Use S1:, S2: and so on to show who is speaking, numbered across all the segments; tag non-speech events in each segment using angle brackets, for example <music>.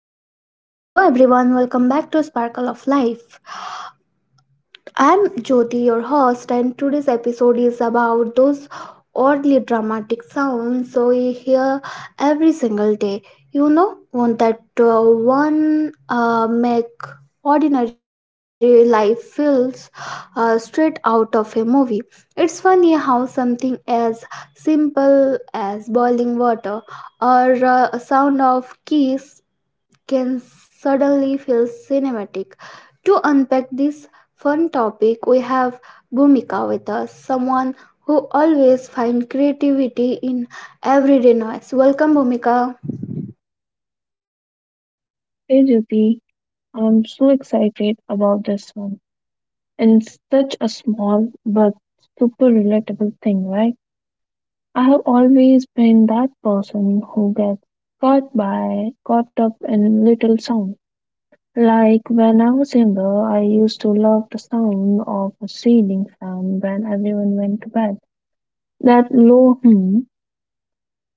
S1: Hello everyone, welcome back to Sparkle of Life. I'm Jyoti, your host, and today's episode is about those oddly dramatic sounds we hear every single day. You know, one that one make ordinary life feels straight out of a movie. It's funny how something as simple as boiling water or sound of keys can suddenly feel cinematic. To unpack this fun topic, we have Bhumika with us, someone who always finds creativity in everyday noise. Welcome, Bhumika.
S2: Hey Jyoti, I'm so excited about this one. And it's such a small but super relatable thing, right? I have always been that person who gets caught up in little sound. Like when I was younger, I used to love the sound of a ceiling fan when everyone went to bed. That low hum.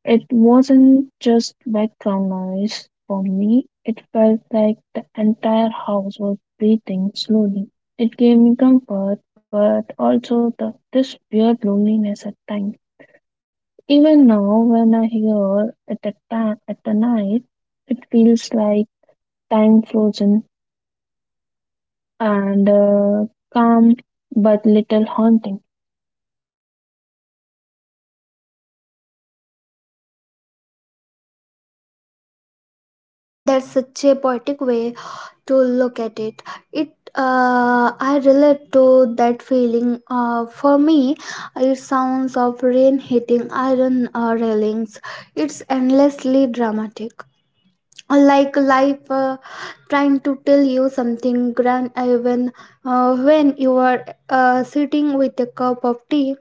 S2: It wasn't just background noise for me, it felt like the entire house was breathing slowly. It gave me comfort, but also this weird loneliness at times. Even now, when I hear it at the night, it feels like time frozen and calm but little haunting.
S1: That's such a poetic way to look at it. It. I relate to that feeling. For me, it sounds of rain hitting iron railings. It's endlessly dramatic, like life. Trying to tell you something grand even when you are sitting with a cup of tea.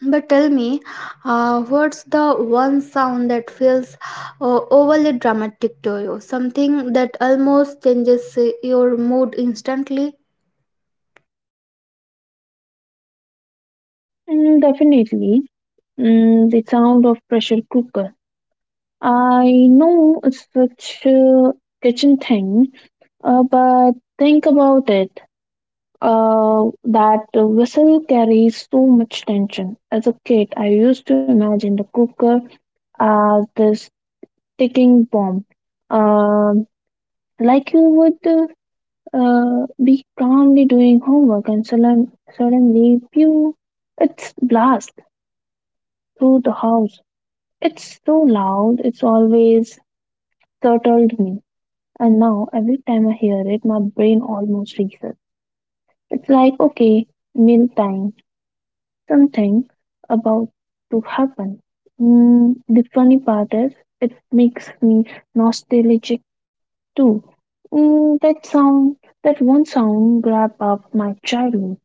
S1: But tell me, what's the one sound that feels overly dramatic to you? Something that almost changes your mood instantly?
S2: Definitely, the sound of pressure cooker. I know it's such a kitchen thing, but think about it. That whistle carries so much tension. As a kid, I used to imagine the cooker as this ticking bomb, um, like you would be calmly doing homework and suddenly, pew, it's blast through the house. It's so loud. It's always startled me. And now, every time I hear it, my brain almost freezes. It's like, okay, meal time, something about to happen. The funny part is, it makes me nostalgic too. That sound, that one sound grabbed up my childhood.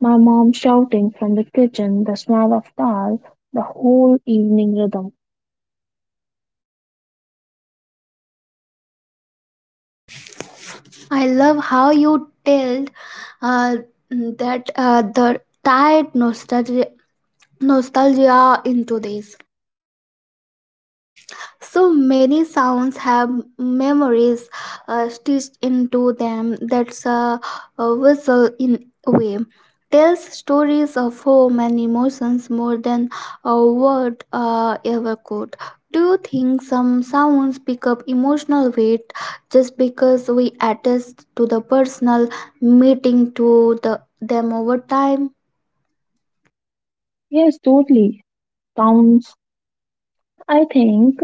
S2: My mom shouting from the kitchen, the smell of dal, the whole evening rhythm.
S1: I love how you tell uh, that the tied nostalgia, nostalgia into this. So many sounds have memories stitched into them. That's a whistle in a way. Tells stories of home and emotions more than a word ever could. Do you think some sounds pick up emotional weight just because we attach to the personal meeting to them over time?
S2: Yes, totally. Sounds, I think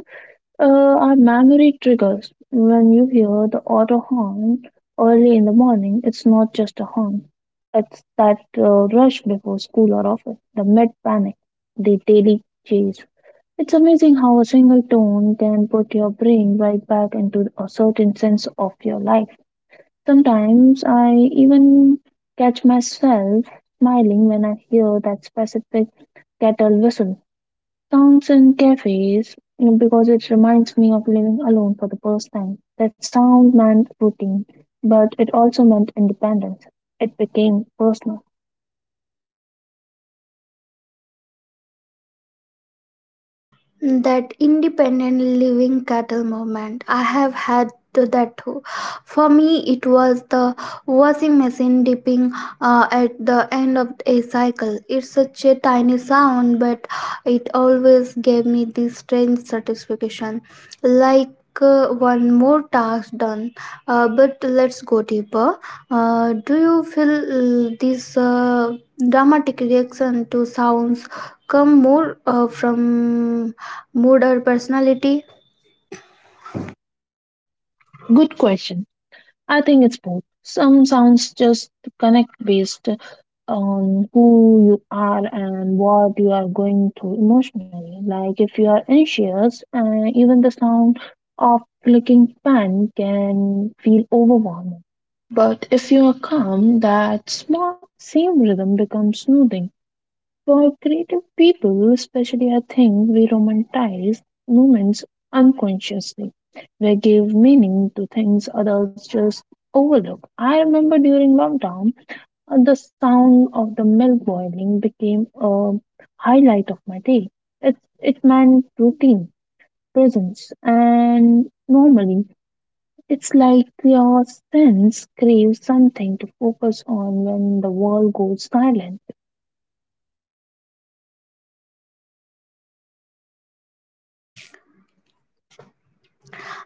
S2: uh, are memory triggers. When you hear the auto horn early in the morning, it's not just a horn. It's that rush before school or office, the mid panic, the daily chase. It's amazing how a single tone can put your brain right back into a certain sense of your life. Sometimes I even catch myself smiling when I hear that specific kettle whistle. Sounds in cafes because it reminds me of living alone for the first time. That sound meant routine, but it also meant independence. It became personal.
S1: That independent living cattle movement, I have had to that too. For me it was the washing machine dipping at the end of a cycle. It's such a tiny sound, but it always gave me this strange satisfaction, like one more task done. But let's go deeper. Do you feel this dramatic reaction to sounds come more from mood or personality?
S2: Good question. I think it's both. Some sounds just connect based on who you are and what you are going through emotionally. Like if you are anxious, even the sound of clicking pen can feel overwhelming. But if you are calm, that small same rhythm becomes soothing. For creative people, especially, I think we romanticize moments unconsciously. We give meaning to things others just overlook. I remember during lockdown, the sound of the milk boiling became a highlight of my day. It, it meant routine, presence, and normally it's like your sense craves something to focus on when the world goes silent.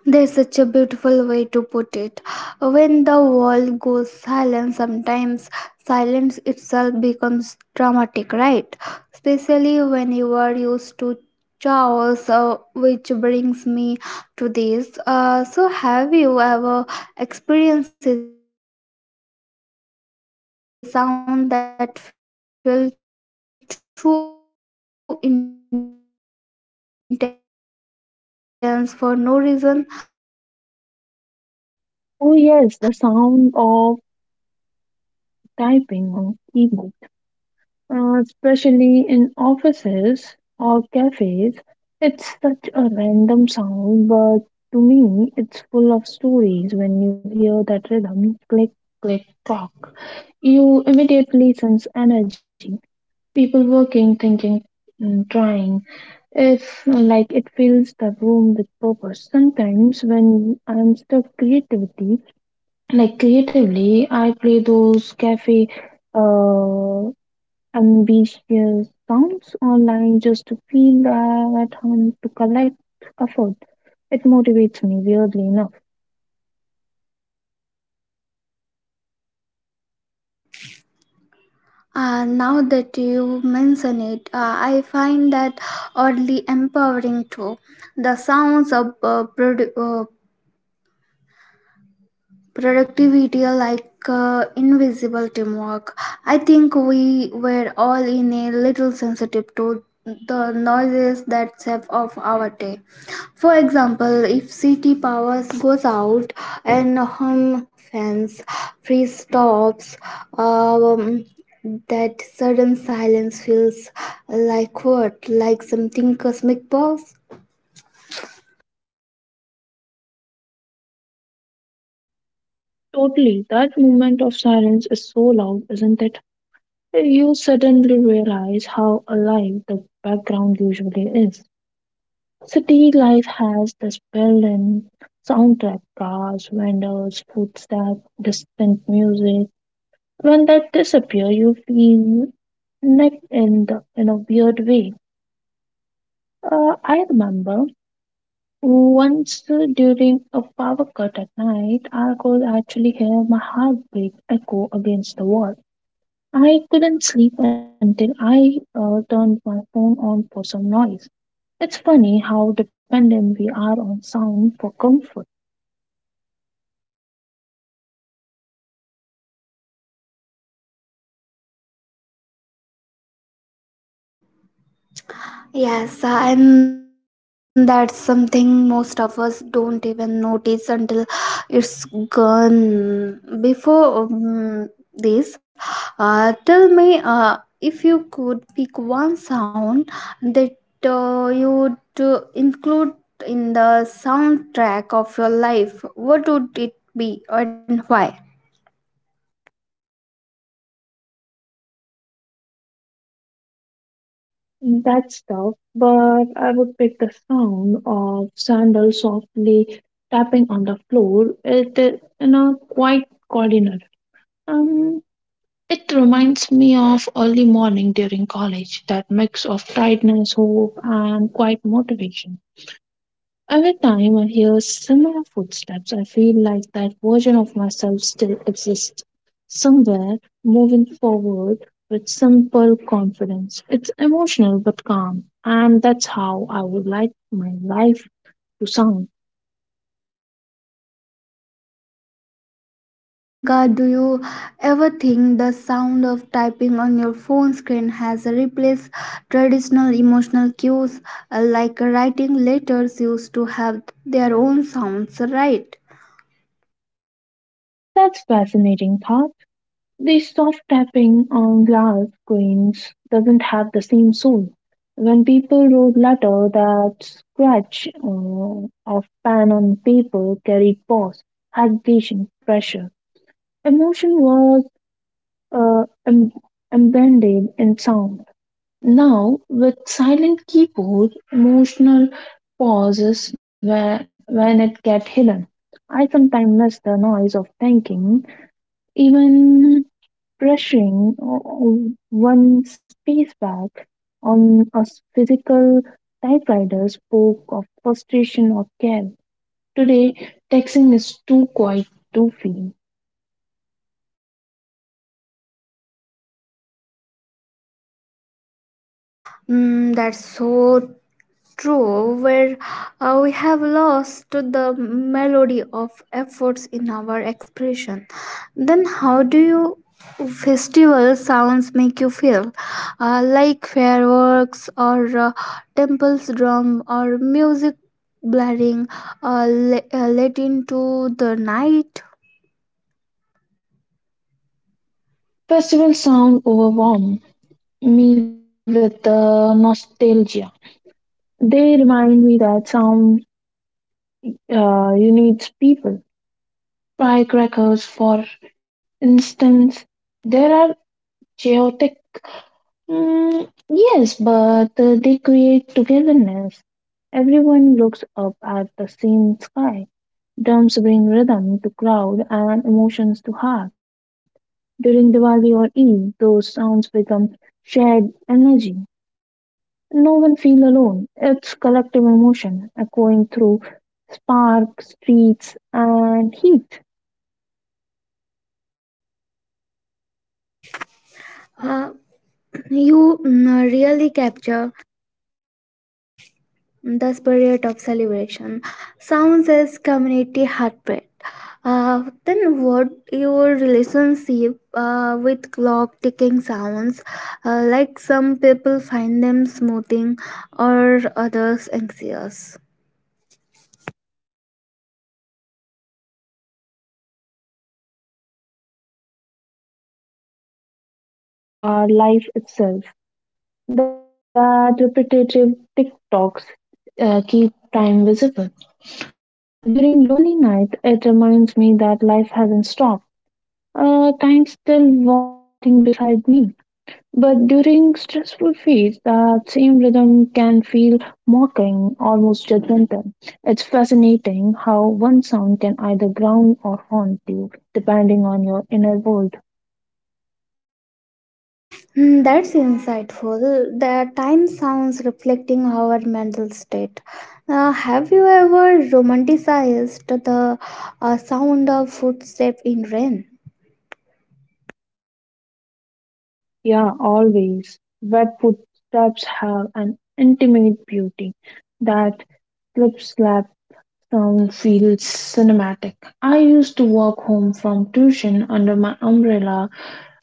S1: There's such a beautiful way to put it. When the world goes silent, sometimes silence itself becomes dramatic, right? Especially when you are used to chaos, which brings me to this. So, have you ever experienced a sound that felt too intense for no reason? Like sometimes something that almost shifted your emotional state instantly.
S2: Oh, yes, the sound of typing on keyboard, especially in offices or cafes. It's such a random sound, but to me, it's full of stories. When you hear that rhythm, click, click, clock, you immediately sense energy. People working, thinking, trying. If like it fills the room with purpose. Sometimes when I'm stuck creativity, like creatively, I play those cafe uh ambitious sounds online just to feel at home to collect a food. It motivates me, weirdly enough.
S1: Now that you mention it, I find that oddly empowering too. The sounds of productivity are like invisible teamwork. I think we were all in a little sensitive to the noises that save off our day. For example, if city powers goes out and home fans freeze stops, um, that sudden silence feels like what, like something cosmic boss.
S2: Totally. That moment of silence is so loud, isn't it? You suddenly realize how alive the background usually is. City life has this built-in soundtrack, cars, vendors, footsteps, distant music. When that disappears, you feel neck in a weird way. I remember once during a power cut at night, I could actually hear my heartbeat echo against the wall. I couldn't sleep until I turned my phone on for some noise. It's funny how dependent we are on sound for comfort.
S1: Yes, and that's something most of us don't even notice until it's gone. Before this, tell me if you could pick one sound that you'd include in the soundtrack of your life, what would it be and why?
S2: That's tough, but I would pick the sound of sandals softly tapping on the floor. It, in a quiet corridor. Um, It reminds me of early morning during college, that mix of tiredness, hope, and quiet motivation. Every time I hear similar footsteps, I feel like that version of myself still exists somewhere, moving forward with simple confidence. It's emotional but calm, and that's how I would like my life to sound.
S1: Bhumika, do you ever think the sound of typing on your phone screen has replaced traditional emotional cues, like writing letters used to have their own sounds, right?
S2: That's fascinating thought. The soft tapping on glass screens doesn't have the same soul. When people wrote letter, that scratch of pen on paper carried pause, hesitation, pressure. Emotion was uh, em- embedded in sound. Now, with silent keyboard, emotional pauses when it get hidden. I sometimes miss the noise of thinking, even brushing one's space back on a physical typewriter spoke of frustration or care. Today, texting is too quiet to feel.
S1: Mm, that's so true, where we have lost to the melody of efforts in our expression. Then, how do you festival sounds make you feel? Like fireworks, or temples drum, or music blaring late into the night?
S2: Festival sound overwhelm me with nostalgia. They remind me that sound unites people. Firecrackers, for instance, there are chaotic. Mm, yes, but they create togetherness. Everyone looks up at the same sky. Drums bring rhythm to crowd and emotions to heart. During Diwali or Eid, those sounds become shared energy. No one feels alone. It's collective emotion echoing through spark, streets, and heat.
S1: Uh, <clears throat> you really capture the spirit of celebration sounds as community heartbeat. Then what your relationship with clock ticking sounds, like some people find them smoothing or others anxious.
S2: For me, ticking clocks are life itself. That repetitive tick tocks keep time visible. During lonely nights, it reminds me that life hasn't stopped. Time's still walking beside me. But during stressful feeds, that same rhythm can feel mocking, almost judgmental. It's fascinating how one sound can either ground or haunt you, depending on your inner world.
S1: Hmm, that's insightful. The time sounds reflecting our mental state. Have you ever romanticized the sound of footsteps in rain?
S2: Yeah, always. Wet footsteps have an intimate beauty, that slip slap town feels cinematic. I used to walk home from tuition under my umbrella,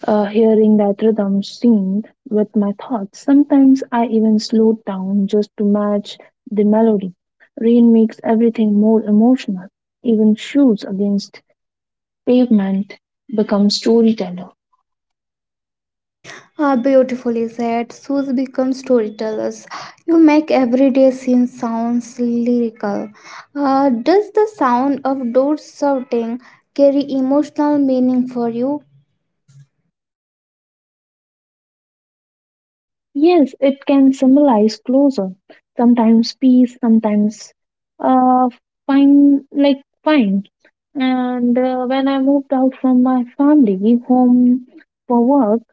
S2: hearing that rhythm synced with my thoughts. Sometimes I even slowed down just to match the melody. Rain makes everything more emotional. Even shoes against pavement become storytellers.
S1: Ah, beautifully said. Shoes become storytellers. You make everyday scenes sounds lyrical. Ah, does the sound of doors shouting carry emotional meaning for you?
S2: Yes, it can symbolize closure, sometimes peace, sometimes uh, fine, like fine. And when I moved out from my family home for work,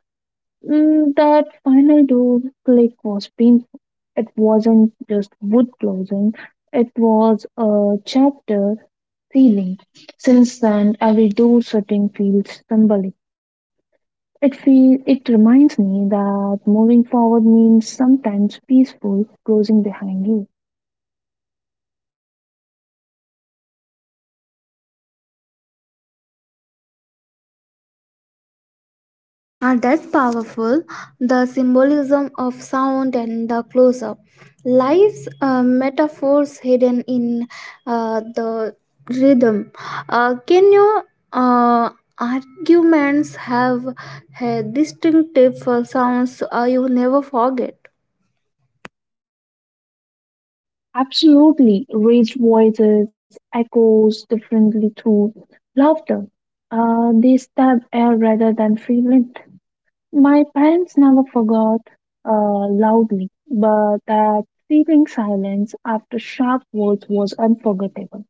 S2: that final door click was painful. It wasn't just wood closing, it was a chapter sealing. Since then, every door shutting feels symbolic. It reminds me that moving forward means sometimes peaceful closing behind you.
S1: Ah, that's powerful. The symbolism of sound and the close up. Life's metaphors hidden in the rhythm. Can your uh, arguments have a distinctive sounds you never forget?
S2: Absolutely, raised voices echoes differently through laughter. They stab air rather than feel it. My parents never forgot loudly, but that seething silence after sharp words was unforgettable.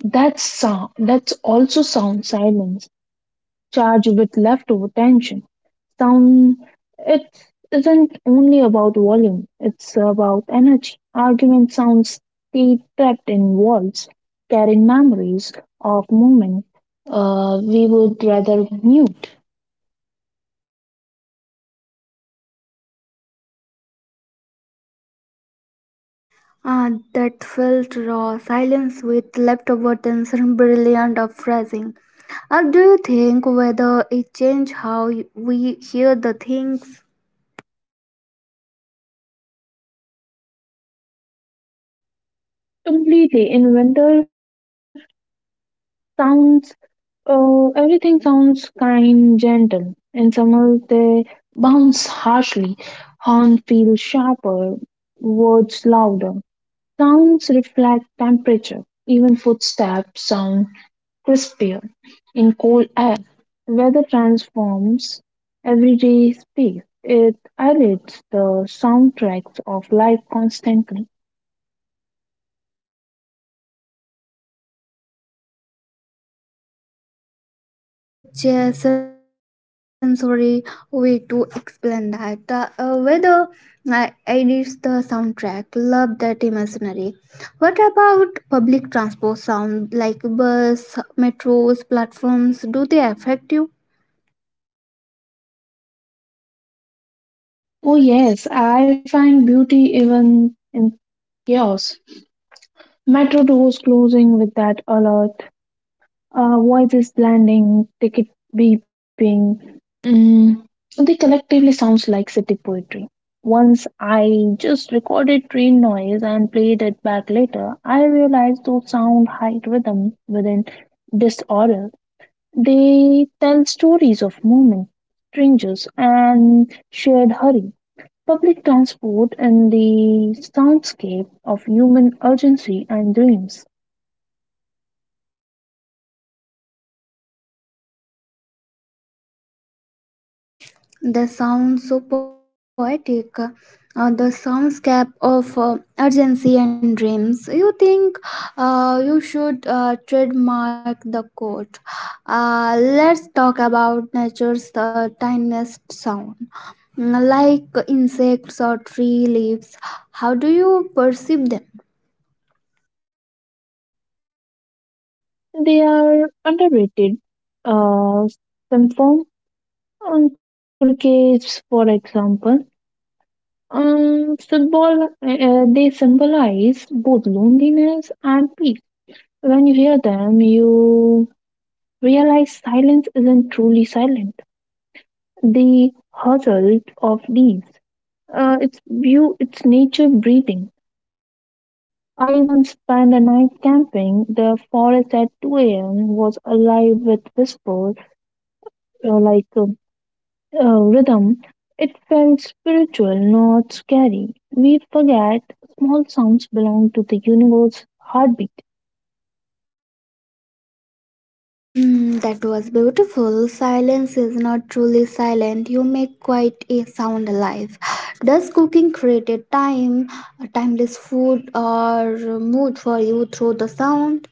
S2: That sound, that's also sound silence, charged with leftover tension. Sound it isn't only about volume, it's about energy. Argument sounds stay trapped in walls, carrying memories of moments we would rather mute
S1: Ah, that felt raw silence with leftover tension, brilliant of phrasing. Do you think whether it changed how we hear the things?
S2: completely. In winter, sounds everything sounds kind, gentle. In summer, they bounce harshly. Horn feels sharper, words louder. Sounds reflect temperature. Even footsteps sound crispier in cold air. Weather transforms everyday space. It edits the soundtracks of life constantly.
S1: Such a sensory way to explain that whether I edits the soundtrack, love that imaginary. What about public transport sound like bus metros platforms, do they affect you?
S2: Oh, yes, I find beauty even in chaos. Metro doors closing with that alert, voices blending, ticket beeping. Mm, they collectively sounds like city poetry. Once I just recorded train noise and played it back later, I realized those sound hide rhythm within disorder. They tell stories of movement, strangers, and shared hurry. Public transport in the soundscape of human urgency and dreams.
S1: That sounds so poetic. The soundscape of urgency and dreams. You think you should trademark the quote. Let's talk about nature's tiniest sound, mm, like insects or tree leaves. How do you perceive them?
S2: They are underrated. Uh, some form crickets, for example, football. They symbolize both loneliness and peace. When you hear them, you realize silence isn't truly silent. The hustle of leaves. It's view. It's nature breathing. I once spent a night camping. The forest at 2 a.m. was alive with whispers, uh, like uh, uh, rhythm, it felt spiritual, not scary. We forget small sounds belong to the universe heartbeat.
S1: Mm, that was beautiful. Silence is not truly silent. You make quite a sound alive. Does cooking create a timeless food or mood for you through the sound?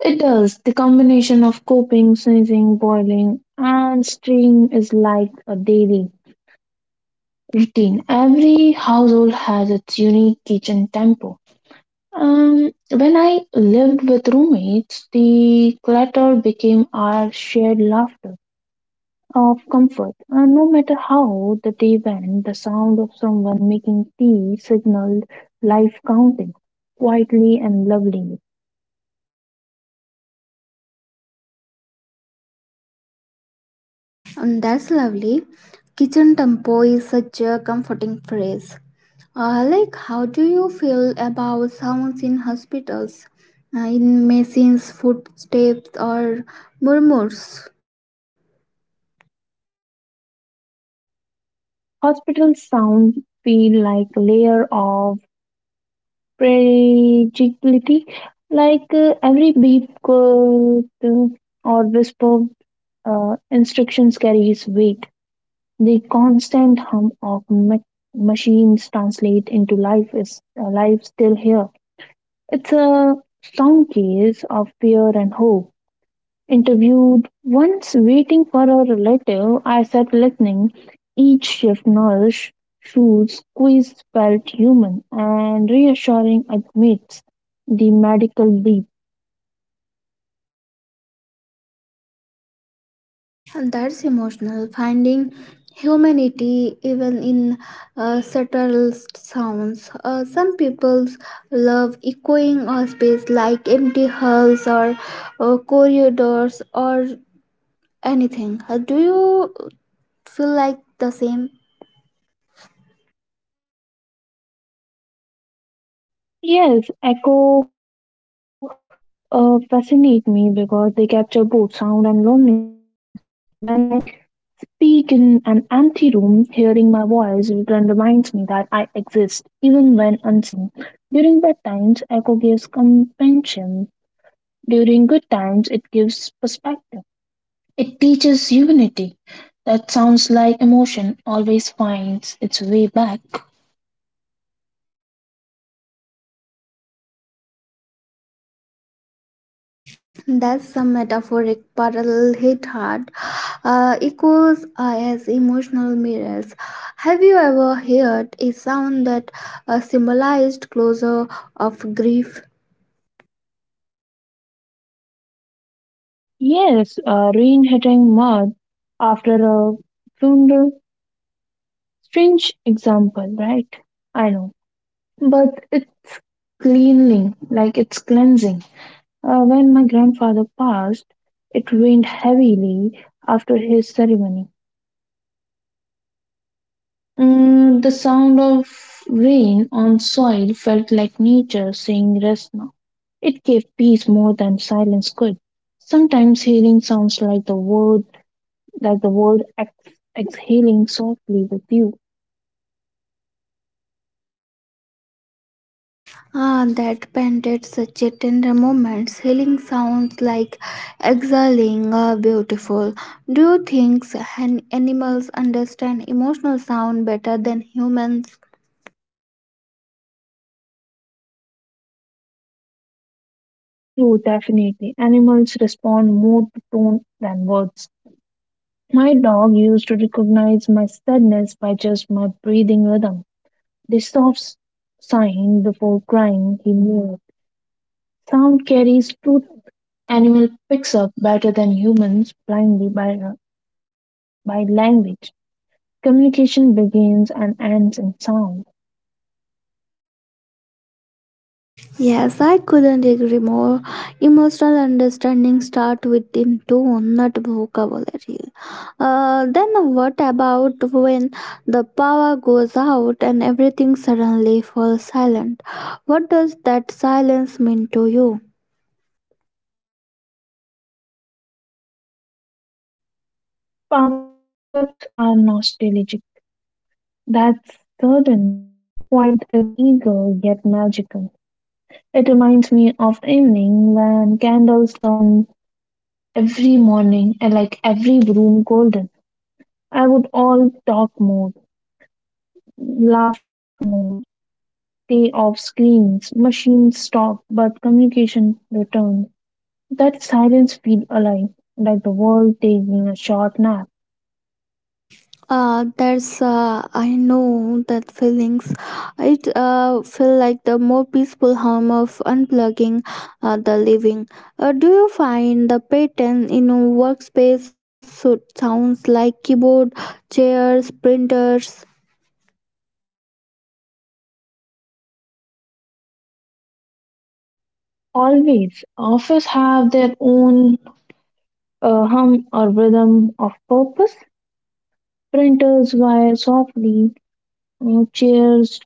S2: It does. The combination of coping, sneezing, boiling, and steam is like a daily routine. Every household has its unique kitchen tempo. When I lived with roommates, the clutter became our shared laughter of comfort. And no matter how the day went, the sound of someone making tea signaled life counting, quietly and lovingly.
S1: And that's lovely. Kitchen tempo is such a comforting phrase. Like, how do you feel about sounds in hospitals, in machines, footsteps, or murmurs?
S2: Hospital sound feel like a layer of fragility, like every beep could, or whisper instructions carries weight. The constant hum of machines translate into life is life still here. It's a strong case of fear and hope. Interviewed once waiting for a relative, I sat listening. Each shift nurse shoes squeezed felt human and reassuring amidst the medical beat.
S1: And that's emotional. Finding humanity even in subtle sounds. Some people love echoing a space like empty halls or corridors or anything. Do you feel like the same?
S2: Yes, echo fascinate me because they capture both sound and loneliness. When I speak in an empty room, hearing my voice return reminds me that I exist, even when unseen. During bad times, echo gives compassion. During good times, it gives perspective. It teaches unity. That sounds like emotion always finds its way back.
S1: That's some metaphoric parallel hit hard. Echoes are as emotional mirrors. Have you ever heard a sound that symbolized closure of grief?
S2: Yes, rain hitting mud after a funeral. Strange example, right? I know. But it's cleaning, like it's cleansing. When my grandfather passed, it rained heavily after his ceremony. The sound of rain on soil felt like nature saying rest now. It gave peace more than silence could. Sometimes healing sounds like the world exhaling softly with you.
S1: Ah, that painted such a tender moment. Healing sounds like exhaling, ah, beautiful. Do you think animals understand emotional sound better than humans?
S2: True, definitely. Animals respond more to tone than words. My dog used to recognize my sadness by just my breathing rhythm. The soft sighing before crying he mewed. Sound carries truth animal picks up better than humans blindly by language. Communication begins and ends in sound.
S1: Yes, I couldn't agree more. Emotional understanding start with in tone, not vocabulary. Then what about when the power goes out and everything suddenly falls silent? What does that silence mean to you?
S2: Power cuts are nostalgic. That sudden quiet is eager yet magical. It reminds me of evening when candles turn every morning and like every room golden. I would all talk more, laugh more, day of screens, machines stop, but communication returns. That silence feels alive, like the world taking a short nap.
S1: That's I know that feelings. It feel like the more peaceful home of unplugging the living. Do you find the pattern in a workspace so sounds like keyboard, chairs, printers?
S2: Always, office have their own hum or rhythm of purpose. Printers whine softly, chairs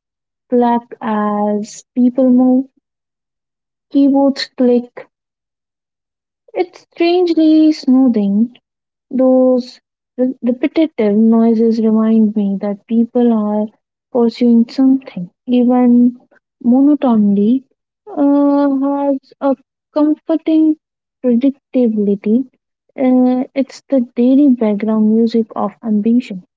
S2: clap as people move, keyboards click. It's strangely soothing. Those repetitive noises remind me that people are pursuing something. Even monotony has a comforting predictability. It's the daily background music of ambition.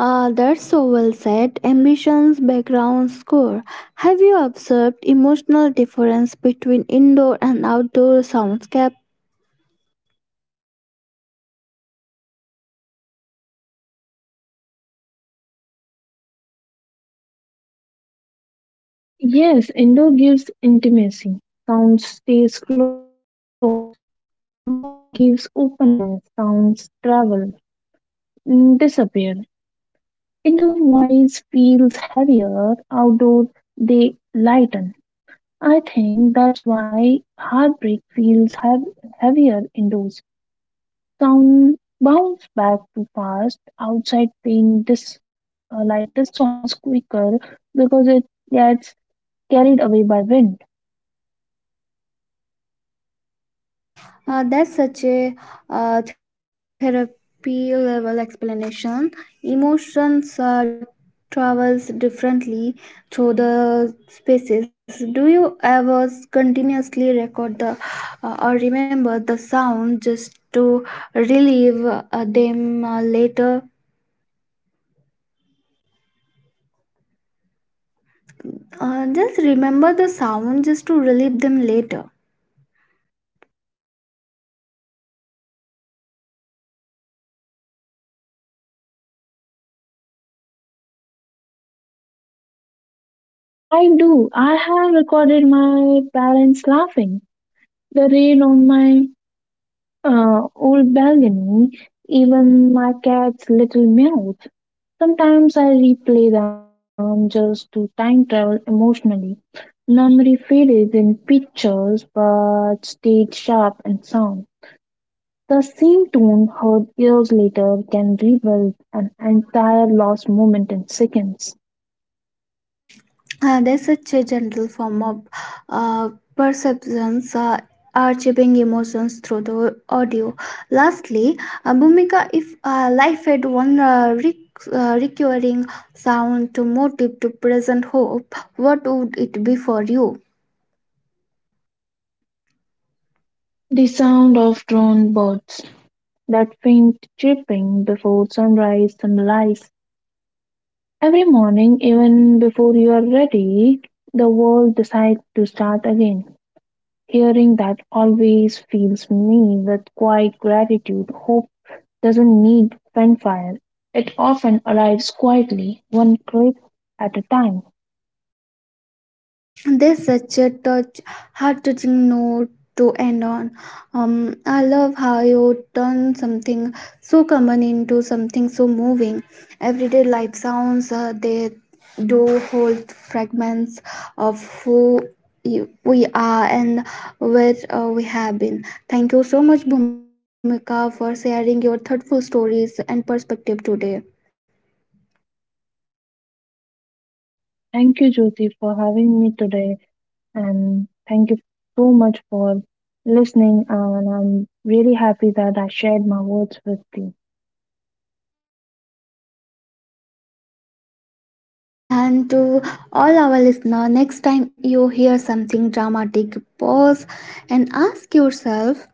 S1: That's so well said. Ambitions, background score. Have you observed emotional difference between indoor and outdoor soundscape?
S2: Yes, indoor gives intimacy, sound stays close. Outdoor gives openness, sounds travel, disappear. Indoor voice feels heavier, outdoor they lighten. I think that's why heartbreak feels heavier indoors. Sound bounce back too fast. Outside pain dissolves quicker because it gets carried away by wind.
S1: That's such a therapy level explanation. Emotions travels differently through the spaces. Do you ever continuously record the or remember the sound just to relieve them later? Just remember the sound just to relieve them later.
S2: I do. I have recorded my parents laughing. The rain on my old balcony, even my cat's little meow. Sometimes I replay them just to time travel emotionally. Memory fades in pictures but stayed sharp and sound. The same tune heard years later can rebuild an entire lost moment in seconds.
S1: There's such a gentle form of uh, perceptions archiving emotions through the audio. Lastly, Bhumika, if life had one recurring sound to motive to present hope, what would it be for you?
S2: The sound of drone birds, that faint chirping before sunrise symbolizes every morning, even before you are ready, the world decides to start again. Hearing that always fills me with quiet gratitude. Hope doesn't need fanfare. It often arrives quietly, one clip at a time.
S1: This such a touch, heart-touching note to end on. I love how you turn something so common into something so moving. Everyday life sounds, they do hold fragments of we are and where we have been. Thank you so much, Bhumika, for sharing your thoughtful stories and perspective today.
S2: Thank you, Jyoti, for having me today, and thank you so much for listening. And I'm really happy that I shared my words with you.
S1: Ah, yes, and to all our listener, next time you hear something dramatic, pause and ask yourself,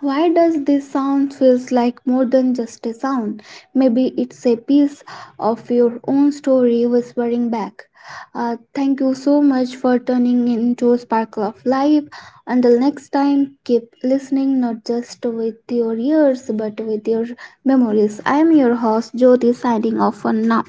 S1: why does this sound feels like more than just a sound? Maybe it's a piece of your own story whispering back. Thank you so much for tuning in to Sparkle of Life. Until next time, keep listening not just with your ears but with your memories. I am your host Jyoti signing off for now.